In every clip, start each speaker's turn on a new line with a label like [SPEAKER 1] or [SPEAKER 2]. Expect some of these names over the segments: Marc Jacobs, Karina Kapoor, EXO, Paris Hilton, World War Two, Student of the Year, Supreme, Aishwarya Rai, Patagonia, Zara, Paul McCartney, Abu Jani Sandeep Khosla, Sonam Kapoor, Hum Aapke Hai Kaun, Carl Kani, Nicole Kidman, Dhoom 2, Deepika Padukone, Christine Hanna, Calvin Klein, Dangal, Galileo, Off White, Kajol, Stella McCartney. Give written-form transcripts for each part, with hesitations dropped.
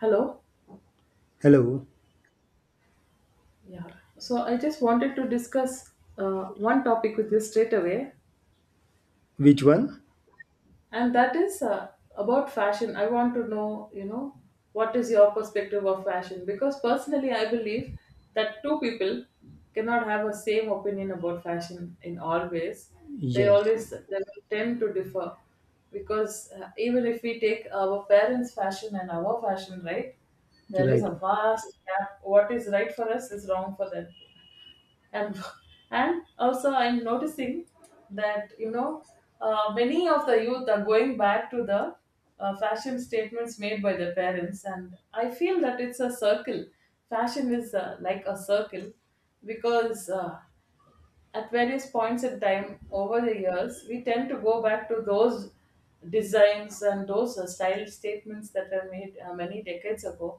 [SPEAKER 1] Hello.
[SPEAKER 2] Hello.
[SPEAKER 1] Yeah. So I just wanted to discuss one topic with you straight away,
[SPEAKER 2] Which one?
[SPEAKER 1] and that is about fashion. I want to know, you know, what is your perspective of fashion? Because personally, I believe that two people cannot have a same opinion about fashion in all ways. They
[SPEAKER 2] Yes.
[SPEAKER 1] always they will tend to differ because even if we take our parents' fashion and our fashion, right, there is
[SPEAKER 2] Right.
[SPEAKER 1] a vast gap. What is right for us is wrong for them. and and also, I'm noticing that many of the youth are going back to the fashion statements made by their parents, and I feel that it's a circle. Fashion is like a circle because at various points in time over the years, we tend to go back to those designs and those style statements that were made many decades ago.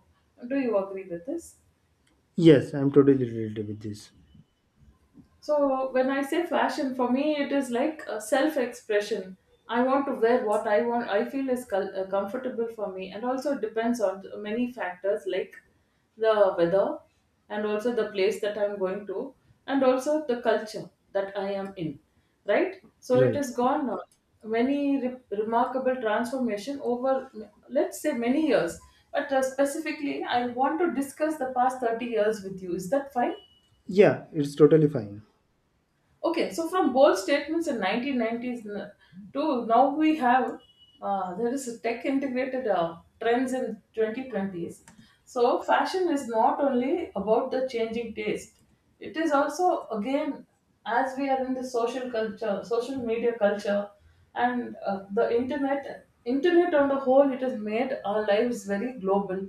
[SPEAKER 1] Do you agree with this?
[SPEAKER 2] Yes, I'm totally related with this.
[SPEAKER 1] So when I say fashion, for me it is like a self-expression. I want to wear what I want. I feel is comfortable for me, and also it depends on many factors like the weather, and also the place that I'm going to, and also the culture that I am in. Right. So it
[SPEAKER 2] Right.
[SPEAKER 1] has gone many remarkable transformation over let's say many years. But specifically, I want to discuss the past 30 years with you. Is that fine?
[SPEAKER 2] Yeah, it's totally fine.
[SPEAKER 1] Okay, so from bold statements in 1990s to now, we have there is a tech integrated trends in 2020s. So fashion is not only about the changing taste; it is also again, as we are in the social culture, social media culture, and the internet. Internet on the whole, it has made our lives very global,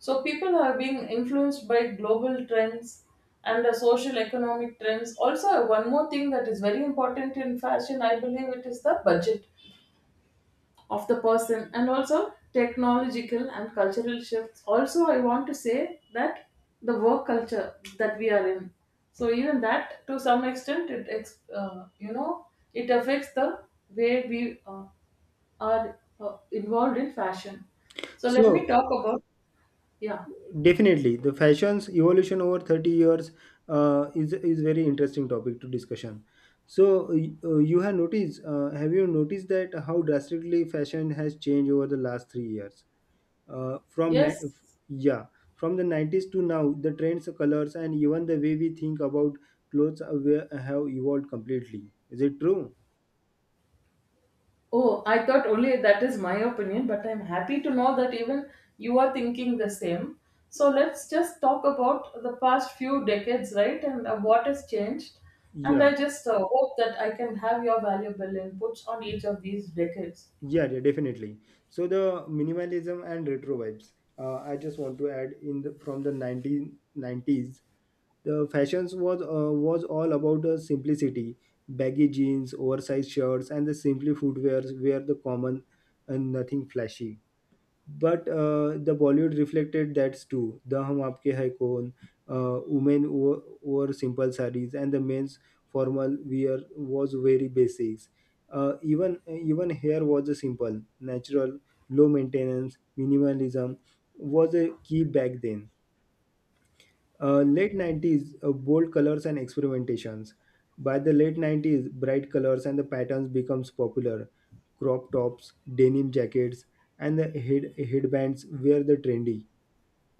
[SPEAKER 1] so people are being influenced by global trends and the social economic trends. Also, one more thing that is very important in fashion, I believe, it is the budget of the person and also technological and cultural shifts. Also, I want to say that the work culture that we are in. So even that, to some extent, it ex- you know it affects the way we are involved in fashion. So let me
[SPEAKER 2] So
[SPEAKER 1] talk about. Yeah.
[SPEAKER 2] definitely, the fashion's evolution over 30 years is very interesting topic to discussion. Have you noticed that how drastically fashion has changed over the last 3 years? From ni-
[SPEAKER 1] Yes.
[SPEAKER 2] f- yeah From the 90s to now, the trends, colors, and even the way we think about have evolved completely. Is it true?
[SPEAKER 1] Oh, I thought only that is my opinion, but I'm happy to know that even you are thinking the same. So let's just talk about the past few decades, right? And what has changed. And
[SPEAKER 2] Yeah.
[SPEAKER 1] I just hope that I can have your valuable inputs on each of these decades.
[SPEAKER 2] Yeah, yeah, definitely. So the minimalism and retro vibes. I just want to add from the 1990s, the fashions was all about the simplicity. Baggy jeans, oversized shirts, and the simply footwears were the common, and nothing flashy. But the Bollywood reflected that too. The Hum Aapke Hai Kaun, women wore simple sarees, and the men's formal wear was very basics. Even hair was a simple, natural, low maintenance. Minimalism was a key back then. Late 90s, bold colors and experimentations. By the late 90s, bright colors and the patterns becomes popular. Crop tops, denim jackets, and the headbands were the trendy.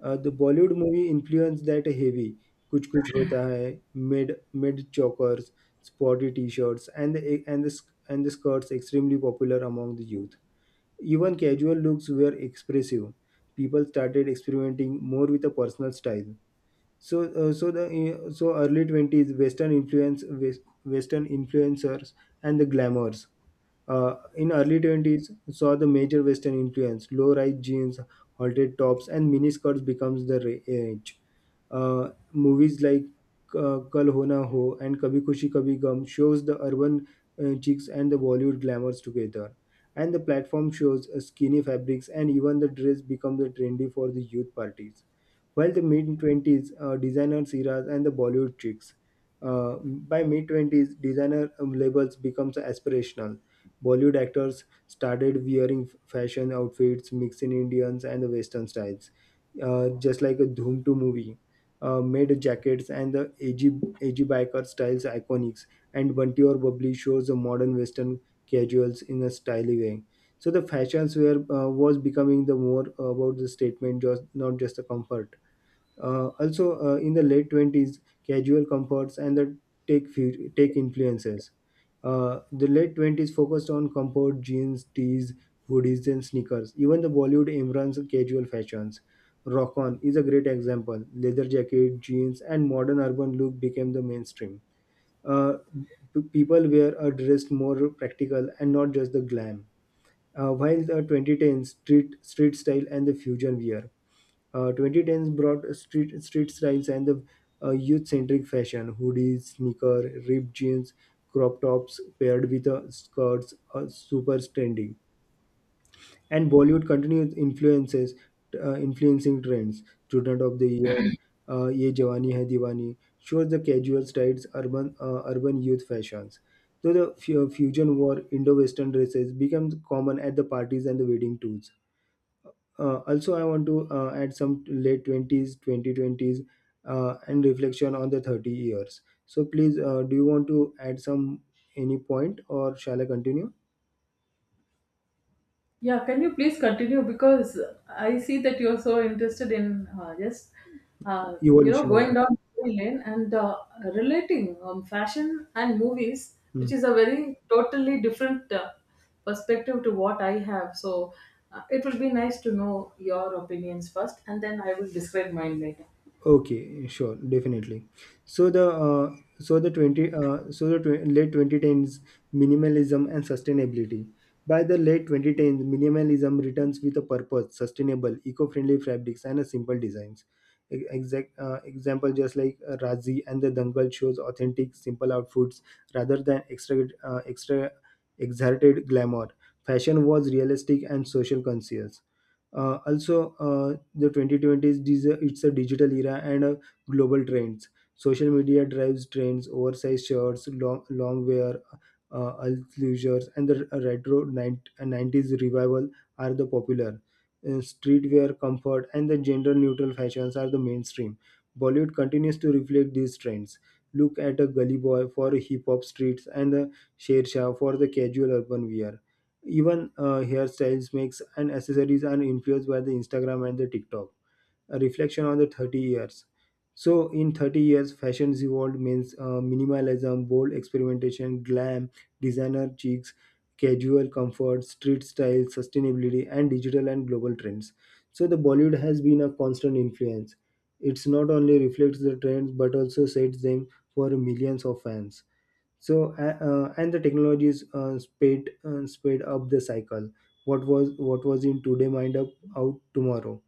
[SPEAKER 2] The Bollywood movie influenced that heavy. Kuch Kuch Hota Hai, mid chokers, sporty t-shirts, and the skirts extremely popular among the youth. Even casual looks were expressive. People started experimenting more with a personal style. So, uh, so the so early twenties Western influence, Western influencers and the glamours. In early twenties, saw the major Western influence. Low-rise jeans, halter tops, and miniskirts becomes the rage. Movies like Kal Ho Na Ho and Kabhi Khushi Kabhi Gum shows the urban chicks and the Bollywood glamours together. And the platform shows skinny fabrics, and even the dress becomes the trendy for the youth parties, while the mid 20s, designer eras and the Bollywood tricks. uh, by mid 20s, designer labels becomes aspirational. Bollywood actors started wearing fashion outfits mixing Indians and the Western styles, just like a Dhoom 2 movie, made jackets and the edgy biker styles iconics, and Bunty or Bubbly shows the modern Western casuals in a stylish way. So the fashions were was becoming the more about the statement, just not just the comfort. Also, in the late 20s, casual comforts and the tech influences. The late 20s focused on comfort, jeans, tees, hoodies, and sneakers. Even the Bollywood embraces casual fashions. Rock On is a great example. Leather jacket, jeans, and modern urban look became the mainstream. Uh, People were dressed more practical and not just the glam. While the 2010s, street style and the fusion wear. 2010s brought street styles and the youth-centric fashion: hoodies, sneaker, ripped jeans, crop tops paired with skirts, super trending. And Bollywood continues influences influencing trends. Student of the Year, Ye Jawani Hai Diwani shows the casual styles, urban youth fashions. So the fusion war Indo-Western dresses becomes common at the parties and the wedding tours. Also I want to add some late 20s, 2020s, and reflection on the 30 years. So please, do you want to add some any point, or shall I continue?
[SPEAKER 1] Yeah, can you please continue? Because I see that you're so interested in just,
[SPEAKER 2] Evolution.
[SPEAKER 1] going down memory lane and relating fashion and movies,
[SPEAKER 2] Hmm.
[SPEAKER 1] which is a very totally different perspective to what I have. So it will be nice to know your opinions first, and then I will describe mine later.
[SPEAKER 2] Okay, sure, definitely. So the twenty, late 2010s, minimalism and sustainability. By the late 2010s, minimalism returns with a purpose, sustainable, eco-friendly fabrics and a simple designs. Exact example, just like Razi and the Dangal shows authentic, simple outfits rather than extra exerted glamour. Fashion was realistic and social conscious. Also, the 2020s it's a digital era and a global trends. Social media drives trends: oversized shirts, long wear, uh, leisures, and the retro 90 90s revival are the popular. Streetwear comfort and the gender neutral fashions are the mainstream. Bollywood continues to reflect these trends. Look at a Gully Boy for hip hop streets and the Sher Shah for the casual urban wear. Even hairstyles, makes, and accessories are influenced by the Instagram and the TikTok. A reflection on the 30 years. So in 30 years, fashions evolved means minimalism, bold experimentation, glam, designer cheeks, casual comfort, street style, sustainability, and digital and global trends. So the Bollywood has been a constant influence. It's not only reflects the trends but also sets them for millions of fans, so and the technologies sped up the cycle. What was in today might up out tomorrow.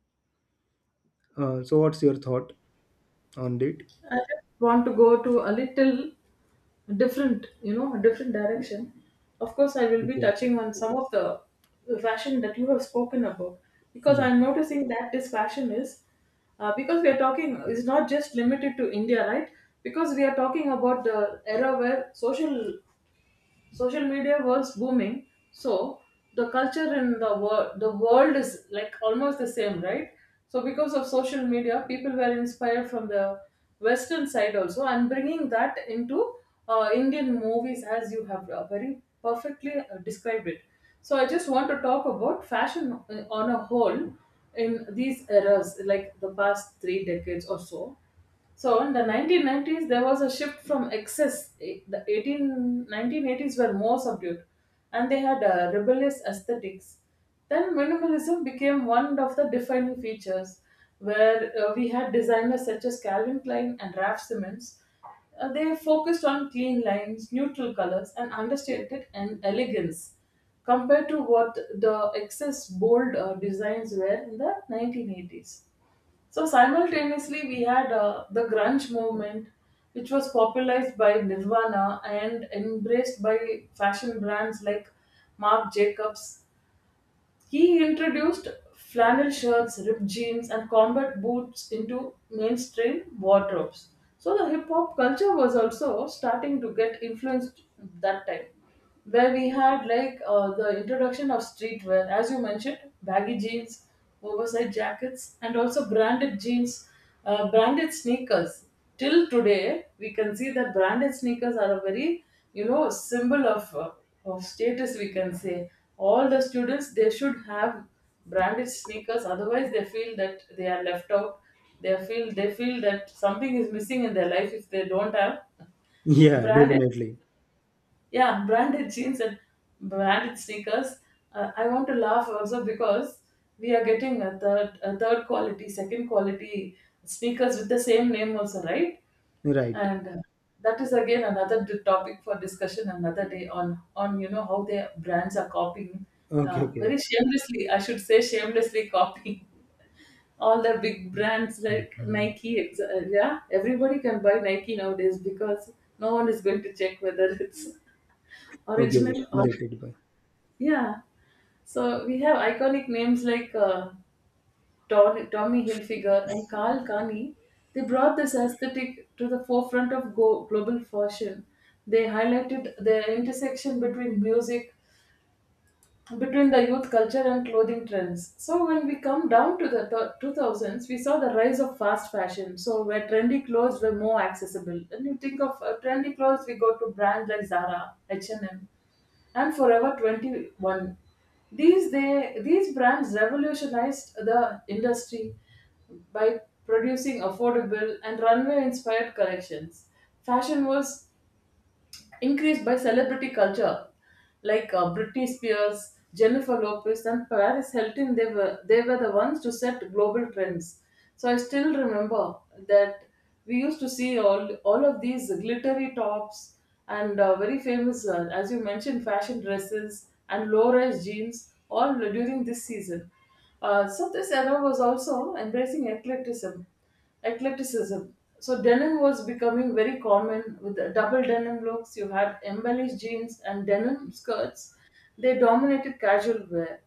[SPEAKER 2] So what's your thought on it?
[SPEAKER 1] I just want to go to a little different, you know, a different direction. Of course, I will be
[SPEAKER 2] Okay.
[SPEAKER 1] touching on some of the fashion that you have spoken about, because
[SPEAKER 2] Yeah,
[SPEAKER 1] I'm noticing that this fashion is, because we are talking, is not just limited to India, right? Because we are talking about the era where social media was booming, so the culture in the world, the world is like almost the same, right? So because of social media, people were inspired from the western side also and bringing that into Indian movies, as you have very perfectly described it. So I just want to talk about fashion on a whole in these eras like the past 3 decades or so. So in the 1990s, there was a shift from excess. The 1980s were more subdued, and they had rebellious aesthetics. Then minimalism became one of the defining features, where we had designers such as Calvin Klein and Raf Simons. They focused on clean lines, neutral colors, and understated and elegance, compared to what the excess bold designs were in the 1980s. So simultaneously, we had the grunge movement, which was popularized by Nirvana and embraced by fashion brands like Marc Jacobs. He introduced flannel shirts, ripped jeans, and combat boots into mainstream wardrobes. So the hip hop culture was also starting to get influenced that time, where we had like the introduction of streetwear, as you mentioned: baggy jeans, oversized jackets, and also branded jeans, branded sneakers. Till today, we can see that branded sneakers are a very symbol of, status, we can say. All the students, they should have branded sneakers. Otherwise, they feel that they are left out. They feel that something is missing in their life if they don't have
[SPEAKER 2] yeah,
[SPEAKER 1] branded,
[SPEAKER 2] definitely.
[SPEAKER 1] yeah, branded jeans and branded sneakers. I want to laugh also, because we are getting a third quality, second quality sneakers with the same name also, right?
[SPEAKER 2] Right.
[SPEAKER 1] And that is again another topic for discussion another day, on you know, how their brands are copying,
[SPEAKER 2] Okay, okay.
[SPEAKER 1] very shamelessly, I should say, shamelessly copying all the big brands like
[SPEAKER 2] Mhm.
[SPEAKER 1] Nike, yeah, everybody can buy Nike nowadays, because no one is going to check whether it's
[SPEAKER 2] Okay, okay,
[SPEAKER 1] original, or.
[SPEAKER 2] let it by.
[SPEAKER 1] Yeah. So we have iconic names like Tommy Hilfiger and Carl Kani. They brought this aesthetic to the forefront of global fashion. They highlighted the intersection between music, between the youth culture and clothing trends. So when we come down to the 2000s, we saw the rise of fast fashion, so where trendy clothes were more accessible. And you think of trendy clothes, we go to brands like Zara, H&M, and M, and Forever 21. These brands revolutionized the industry by producing affordable and runway inspired collections. Fashion was increased by celebrity culture like Britney Spears, Jennifer Lopez, and Paris Hilton. They were the ones to set global trends. So I still remember that we used to see all of these glittery tops and very famous, as you mentioned, fashion dresses and low-rise jeans all during this season. So this era was also embracing eclecticism. Eclecticism. So denim was becoming very common with the double denim looks. You had embellished jeans and denim skirts. They dominated casual wear.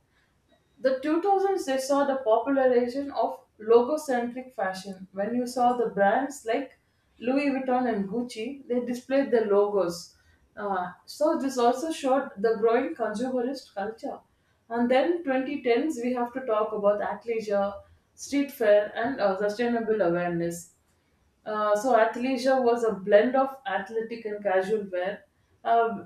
[SPEAKER 1] The 2006 saw the popularization of logocentric fashion. When you saw the brands like Louis Vuitton and Gucci, they displayed their logos. So this also showed the growing consumerist culture. And then 2010s, we have to talk about athleisure, street fair, and sustainable awareness. So athleisure was a blend of athletic and casual wear, uh,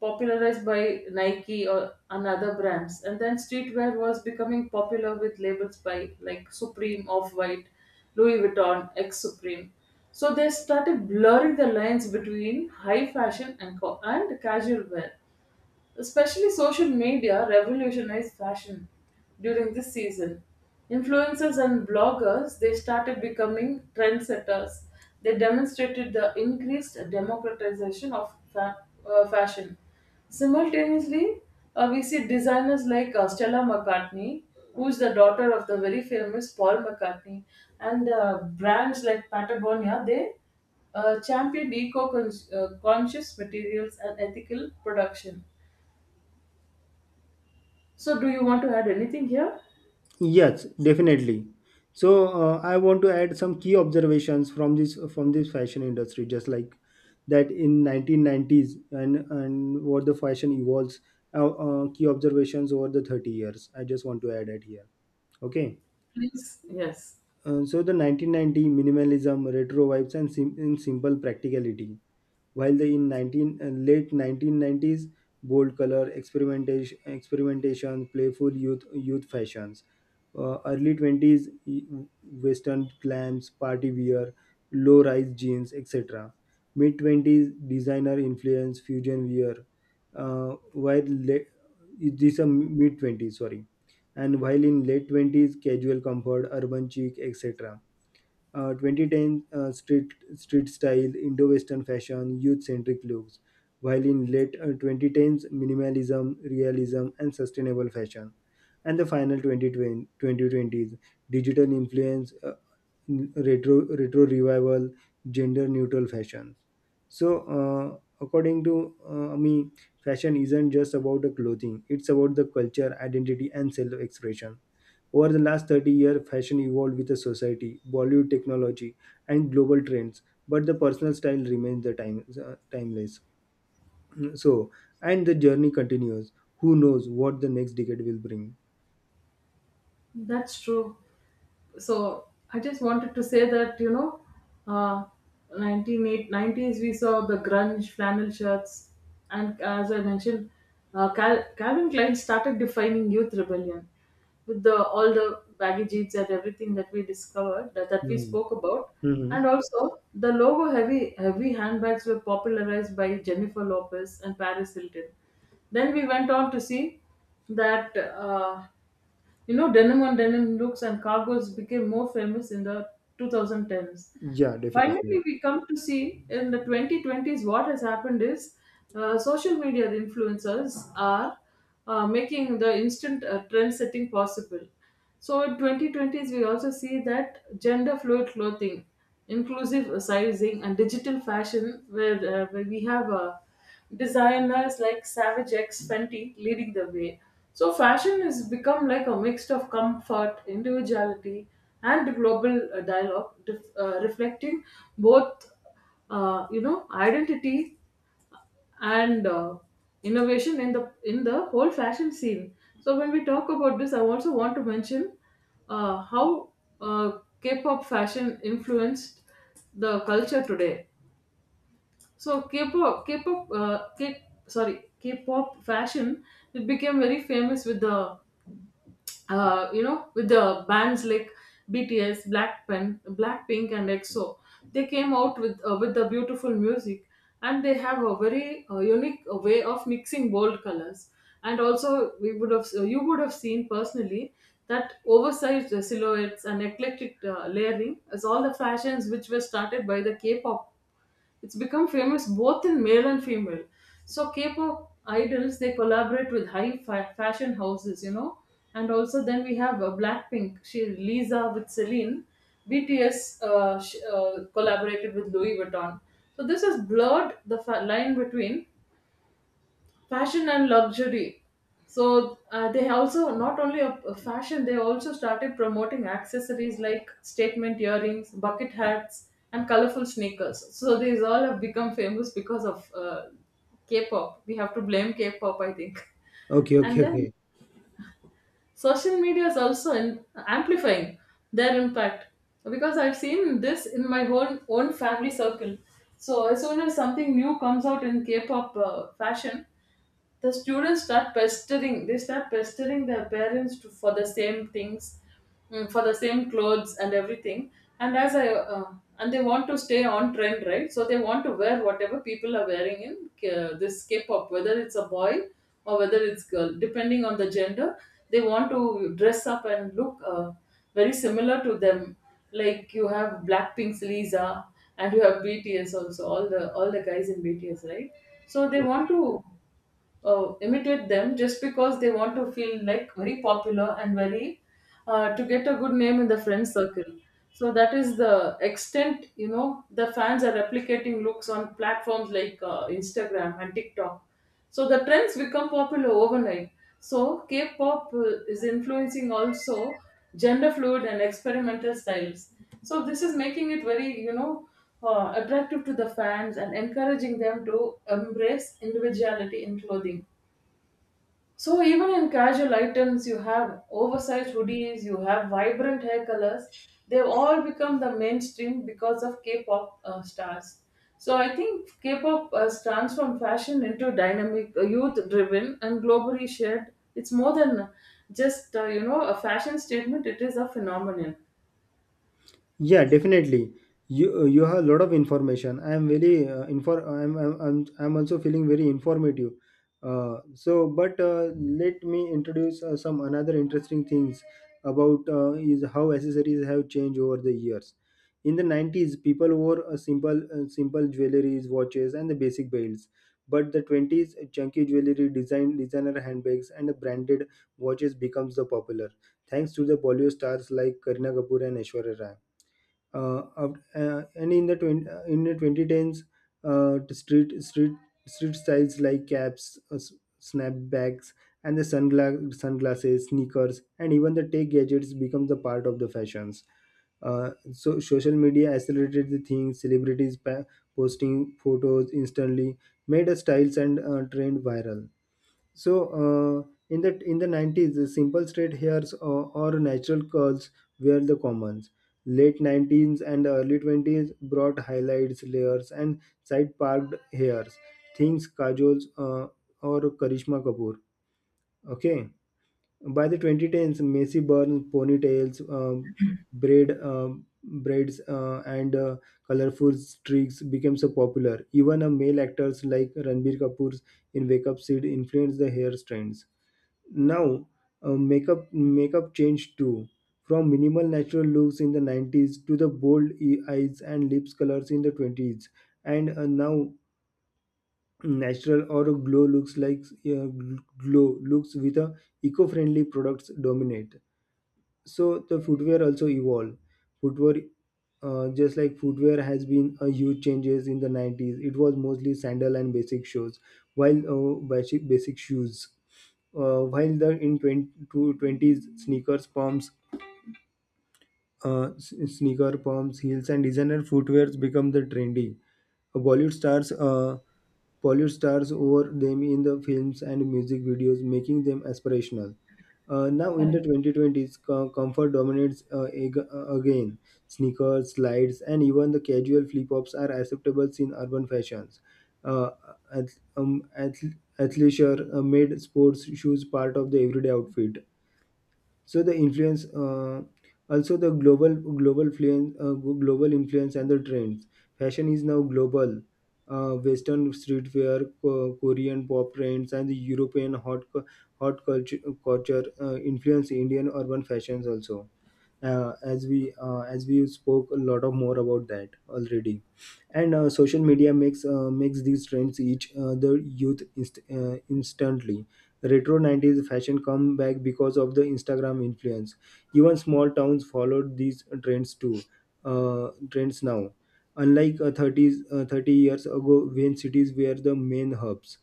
[SPEAKER 1] popularized by Nike or another brands. And then streetwear was becoming popular with labels by like Supreme, Off White, Louis Vuitton, X Supreme. So they started blurring the lines between high fashion and casual wear. Especially social media revolutionized fashion during this season. Influencers and bloggers, they started becoming trendsetters. They demonstrated the increased democratization of fashion. Simultaneously, we see designers like Stella McCartney, who is the daughter of the very famous Paul McCartney, and brands like Patagonia. They championed eco-conscious materials and ethical production. So, do you want to add anything here?
[SPEAKER 2] Yes, definitely. So I want to add some key observations from this fashion industry, just like that in 1990s, and what the fashion evolves. Key observations over the 30 years. I just want to add it here. Okay.
[SPEAKER 1] Please, yes.
[SPEAKER 2] So the 1990 minimalism, retro vibes, and, simple practicality, while the in 19, late 1990s, bold color experimentation, playful youth fashions. Early 20s, Western glam's party wear, low rise jeans, etc. Mid 20s, designer influence, fusion wear. While late, these are mid 20s, sorry. And while in late 20s, casual comfort, urban chic, etc. 2010, street style, Indo-Western fashion, youth-centric looks. While in late 2010s, minimalism, realism, and sustainable fashion. And the final 2020, 2020s digital influence, retro revival, gender-neutral fashion. So, according to me, fashion isn't just about the clothing, it's about the culture, identity, and self expression. Over the last 30 years, fashion evolved with the society, Bollywood technology, and global trends, but the personal style remains the timeless. So, and the journey continues. Who knows what the next decade will bring?
[SPEAKER 1] That's true. So I just wanted to say that, you know, uh, 1990s we saw the grunge flannel shirts, and as I mentioned, Calvin Klein started defining youth rebellion with the all the baggy jeans and everything that we discovered that, that we spoke about,
[SPEAKER 2] Mm-hmm.
[SPEAKER 1] and also the logo heavy handbags were popularized by Jennifer Lopez and Paris Hilton. Then we went on to see that. You know, denim on denim looks and cargos became more famous in the 2010s.
[SPEAKER 2] Yeah,
[SPEAKER 1] Finally,
[SPEAKER 2] definitely.
[SPEAKER 1] we come to see in the 2020s what has happened is social media influencers are making the instant trend setting possible. So in 2020s, we also see that gender fluid clothing, inclusive sizing, and digital fashion, where we have designers like Savage X Fenty leading the way. So fashion has become like a mix of comfort, individuality, and global dialogue, reflecting both, you know, identity and innovation in the whole fashion scene. So when we talk about this, I also want to mention how K-pop fashion influenced the culture today. So K-pop fashion, it became very famous with the, you know, with the bands like BTS, Blackpink, and EXO. They came out with with the beautiful music, and they have a very unique way of mixing bold colors. And also, we would have you would have seen personally that oversized silhouettes and eclectic layering is all the fashions which were started by the K-pop. It's become famous both in male and female. So K-pop idols, they collaborate with fashion houses, you know. And also then we have Blackpink. She Lisa with Celine. BTS collaborated with Louis Vuitton. So this has blurred the line between fashion and luxury. So they also, not only a fashion, they also started promoting accessories like statement earrings, bucket hats, and colorful sneakers. So these all have become famous because of K-pop. We have to blame K-pop, I think.
[SPEAKER 2] Okay, okay,
[SPEAKER 1] And then
[SPEAKER 2] okay.
[SPEAKER 1] social media is also in, amplifying their impact, because I've seen this in my own family circle. So as soon as something new comes out in K-pop fashion, they start pestering their parents to, for the same things, mm, for the same clothes and everything. And as I And they want to stay on trend, right? So they want to wear whatever people are wearing in this K-pop, whether it's a boy or whether it's girl, depending on the gender. They want to dress up and look very similar to them. Like you have Blackpink's Lisa, and you have BTS also, all the guys in BTS, right? So they want to imitate them, just because they want to feel like very popular and very to get a good name in the friend circle. So that is the extent, you know, the fans are replicating looks on platforms like Instagram and TikTok, so the trends become popular overnight. So K-pop is influencing also gender fluid and experimental styles. So this is making it very, you know, attractive to the fans and encouraging them to embrace individuality in clothing. So, even in casual items, you have oversized hoodies, you have vibrant hair colors. They've all become the mainstream because of K pop stars. So, I think K pop has transformed fashion into dynamic, youth driven, and globally shared. It's more than just a fashion statement, it is a phenomenon.
[SPEAKER 2] Yeah, definitely. You have a lot of information. I am very infor. I'm also feeling very informative. So, but let me introduce some another interesting things about is how accessories have changed over the years. In the 90s, people wore a simple jewelries, watches, and the basic belts. But the 20s, chunky jewelry, designer handbags, and branded watches becomes the popular, thanks to the Bollywood stars like Karina Kapoor and Aishwarya Rai. And in the 20, in the 2010s, the street styles like caps, snapbacks, and the sunglasses, sneakers, and even the tech gadgets become the part of the fashions. So social media accelerated the thing, celebrities posting photos instantly made a styles and trend viral. So in the 90s, the simple straight hairs or natural curls were the commons. Late 19s and early 20s brought highlights, layers, and side parked hairs. Things Kajols, or Karishma Kapoor. Okay. By the 2010s, messy Burns ponytails, braids, and colorful streaks became so popular. Even a male actors like Ranbir Kapoor's in Wake Up Sid influenced the hair trends. Now, makeup changed too, from minimal natural looks in the 90s to the bold eyes and lips colors in the 20s, and now natural or glow looks like glow looks with a eco-friendly products dominate. So the footwear also evolved. Footwear Just like footwear has been a huge changes. In the 90s, it was mostly sandal and basic shoes, while basic shoes. While the in 20, to 20s, sneakers pumps, sneaker pumps, heels, and designer footwears become the trendy. Uh, Bollywood stars, uh, Bollywood stars wore them in the films and music videos, making them aspirational. Now in the
[SPEAKER 1] Correct.
[SPEAKER 2] 2020s, comfort dominates again. Sneakers, slides, and even the casual flip-flops are acceptable in urban fashions. Uh, ath- um, ath- Athleisure made sports shoes part of the everyday outfit. So the influence also the global influence, and the trends. Fashion is now global. Western streetwear, Korean pop trends, and the European hot culture influence Indian urban fashions also. As we spoke a lot of more about that already. And social media makes these trends each the youth instantly. Retro 90s fashion come back because of the Instagram influence. Even small towns followed these trends too. Trends now, unlike 30s, 30 years ago when cities were the main hubs.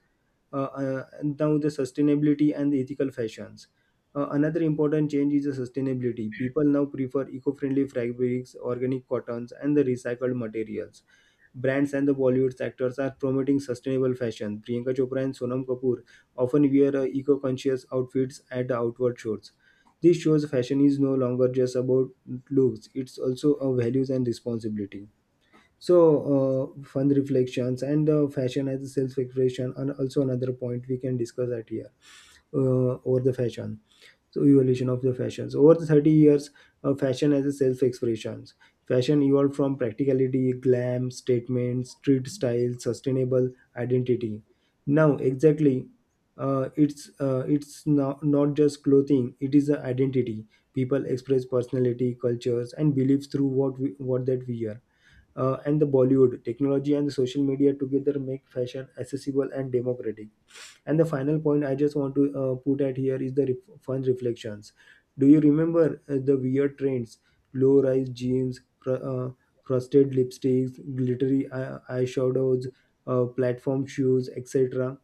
[SPEAKER 2] And now the sustainability and the ethical fashions. Another important change is the sustainability. People now prefer eco-friendly fabrics, organic cottons, and the recycled materials. Brands and the Bollywood actors are promoting sustainable fashion. Priyanka Chopra and Sonam Kapoor often wear eco-conscious outfits at the outward shows. This shows fashion is no longer just about looks; it's also a values and responsibility. So, fun reflections and fashion as a self-expression, and also another point we can discuss at here, over the fashion. So evolution of the fashions over the 30 years, fashion as a self expressions. Fashion evolved from practicality, glam statements, street style, sustainable identity. Now exactly, it's not just clothing, it is an identity. People express personality, cultures, and beliefs through what that we are. And the Bollywood technology and the social media together make fashion accessible and democratic. And the final point I just want to put at here is the fun reflections. Do you remember the weird trends? Low-rise jeans, frosted lipsticks, glittery eyeshadows, platform shoes, etc.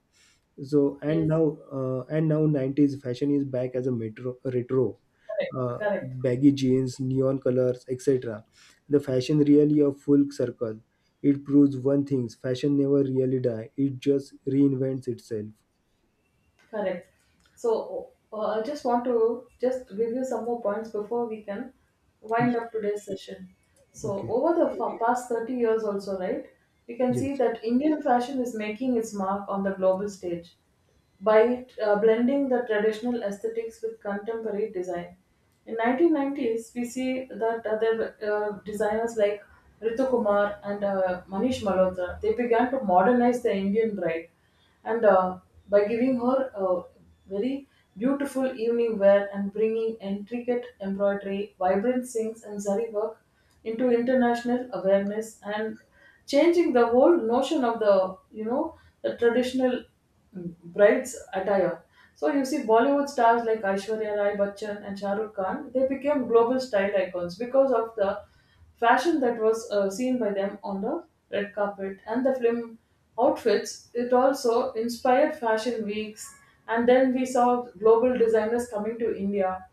[SPEAKER 2] So and
[SPEAKER 1] Yes,
[SPEAKER 2] now uh, and now 90s fashion is back as a metro retro:
[SPEAKER 1] correct, correct.
[SPEAKER 2] baggy jeans, neon colors, etc. The fashion really a full circle. It proves one thing: fashion never really die. It just reinvents itself.
[SPEAKER 1] Correct. So I just want to just give you some more points before we can wind up today's session. So
[SPEAKER 2] Okay.
[SPEAKER 1] over the past 30 years also, right, we can see
[SPEAKER 2] Yes.
[SPEAKER 1] that Indian fashion is making its mark on the global stage by blending the traditional aesthetics with contemporary design. In 1990s, we see that other designers like Ritu Kumar and Manish Malhotra, they began to modernize the Indian bride, and by giving her a very beautiful evening wear and bringing intricate embroidery, vibrant sinks, and zari work into international awareness and changing the whole notion of the, you know, the traditional bride's attire. So you see, Bollywood stars like Aishwarya Rai Bachchan and Shah Rukh Khan, they became global style icons because of the fashion that was seen by them on the red carpet and the film outfits. It also inspired fashion weeks, and then we saw global designers coming to India.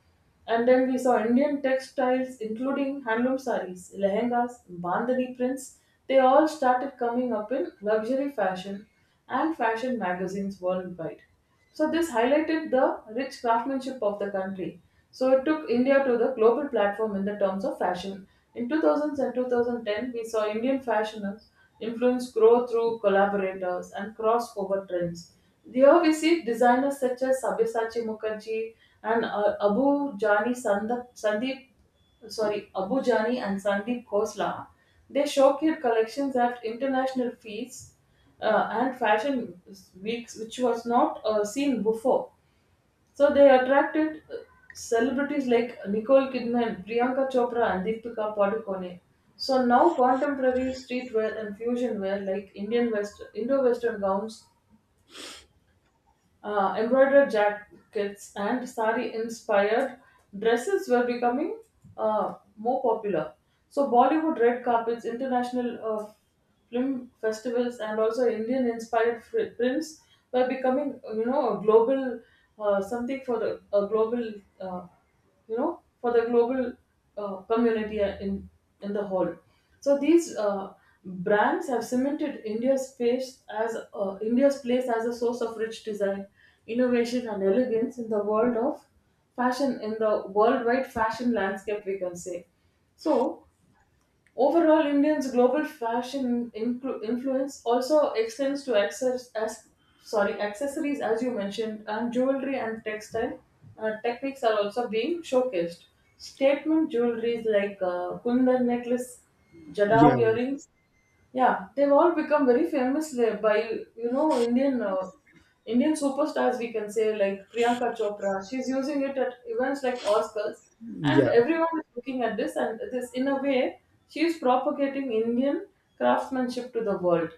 [SPEAKER 1] And then we saw Indian textiles, including handloom saris, lehengas, bandhani prints. They all started coming up in luxury fashion and fashion magazines worldwide. So this highlighted the rich craftsmanship of the country. So it took India to the global platform in the terms of fashion. In 2000s and 2010, we saw Indian fashioners influence grow through collaborators and crossover trends. They have see designers such as Sabyasachi Mukherjee and Abu Jani and Sandeep Khosla. They showcased collections at international feasts and fashion weeks, which was not seen before. So they attracted celebrities like Nicole Kidman, Priyanka Chopra, and Deepika Padukone. So now contemporary streetwear and fusion wear like Indo-Western gowns, embroidered jackets, and sari inspired dresses were becoming more popular. So, Bollywood red carpets, international film festivals, and also Indian inspired prints were becoming, you know, a global something for the, a global. Uh, you know, for the global community in the whole. So these brands have cemented India's place as a source of rich design, innovation, and elegance in the world of fashion, in the worldwide fashion landscape, we can say so. Overall, Indians' global fashion influence also extends to accessories, as you mentioned, and jewelry and textile techniques are also being showcased. Statement jewelries like kundar necklace,
[SPEAKER 2] Yeah.
[SPEAKER 1] jadav earrings, yeah, they've all become very famous there by, you know, Indian superstars. We can say like Priyanka Chopra. She's using it at events like Oscars, and
[SPEAKER 2] Yeah.
[SPEAKER 1] everyone is looking at this. And this, in a way, she is propagating Indian craftsmanship to the world,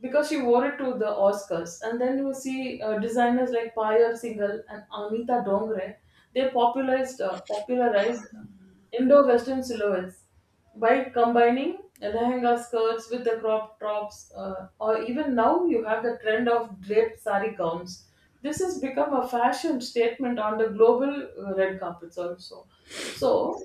[SPEAKER 1] because she wore it to the Oscars. And then you see designers like Payal Singhal and Anita Dongre. They popularized Indo-Western silhouettes by combining lehenga skirts with the crop tops, or even now you have the trend of draped sari gowns. This has become a fashion statement on the global red carpets also. So,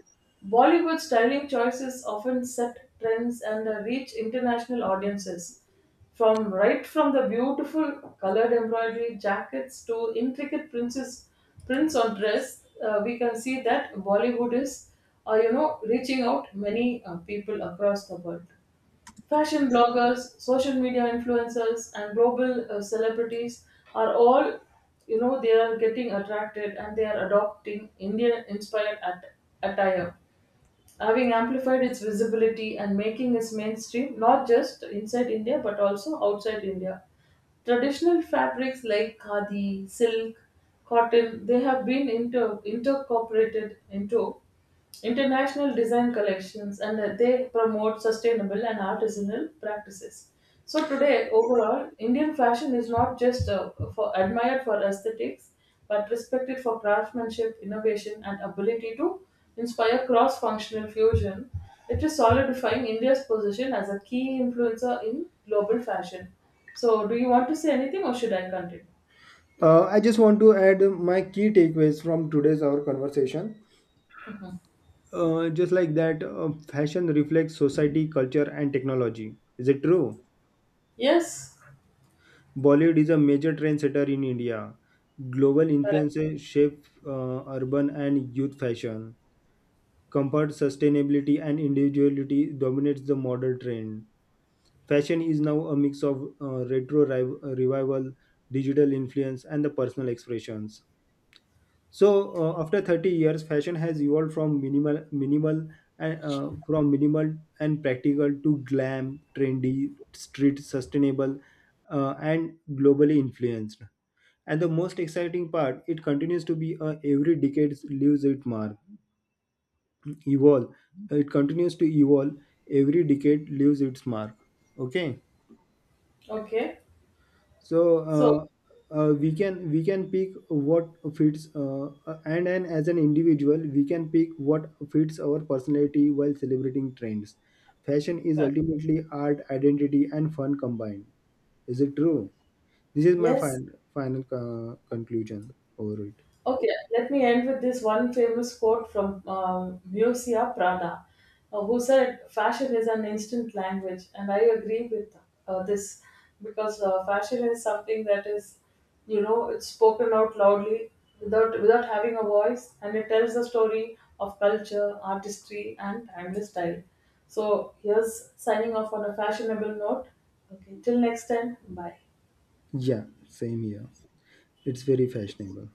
[SPEAKER 1] Bollywood styling choices often set trends and reach international audiences. From right from the beautiful colored embroidery jackets to intricate princess prints on dress, we can see that Bollywood is, you know, reaching out many people across the world. Fashion bloggers, social media influencers, and global celebrities are all, you know, they are getting attracted and they are adopting attire, having amplified its visibility and making it mainstream, not just inside India but also outside India. Traditional fabrics like khadi, silk, cotton, they have been intercorporated into international design collections, and they promote sustainable and artisanal practices. So today, overall, Indian fashion is not just for admired for aesthetics, but respected for craftsmanship, innovation, and ability to inspire cross functional fusion. It is solidifying India's position as a key influencer in global fashion. So, do you want to say anything or should I continue?
[SPEAKER 2] I just want to add my key takeaways from today's our conversation. Just like that, fashion reflects society, culture, and technology. Is it true?
[SPEAKER 1] Yes,
[SPEAKER 2] Bollywood is a major trendsetter in India. Global
[SPEAKER 1] correct.
[SPEAKER 2] influences shape urban and youth fashion. Comfort, sustainability, and individuality dominates the modern trend. Fashion is now a mix of revival, digital influence, and the personal expressions. So after 30 years, fashion has evolved from minimal and practical to glam, trendy, street, sustainable, and globally influenced. And the most exciting part, it continues to be, every decade leaves its mark. Evolve It continues to evolve. Every decade leaves its mark. Okay.
[SPEAKER 1] Okay,
[SPEAKER 2] so
[SPEAKER 1] so,
[SPEAKER 2] uh, uh, we can pick what fits, and as an individual we can pick what fits our personality while celebrating trends. Fashion is ultimately art, identity, and fun combined. Is it true? This is my
[SPEAKER 1] yes,
[SPEAKER 2] final conclusion over it.
[SPEAKER 1] okay, let me end with this one famous quote from Mircea Prada, who said, "Fashion is an instant language," and I agree with this, because fashion is something that is, you know, it's spoken out loudly without having a voice, and it tells the story of culture, artistry, and timeless style. So here's signing off on a fashionable note. Okay, till next time, bye.
[SPEAKER 2] Yeah, same here. It's very fashionable.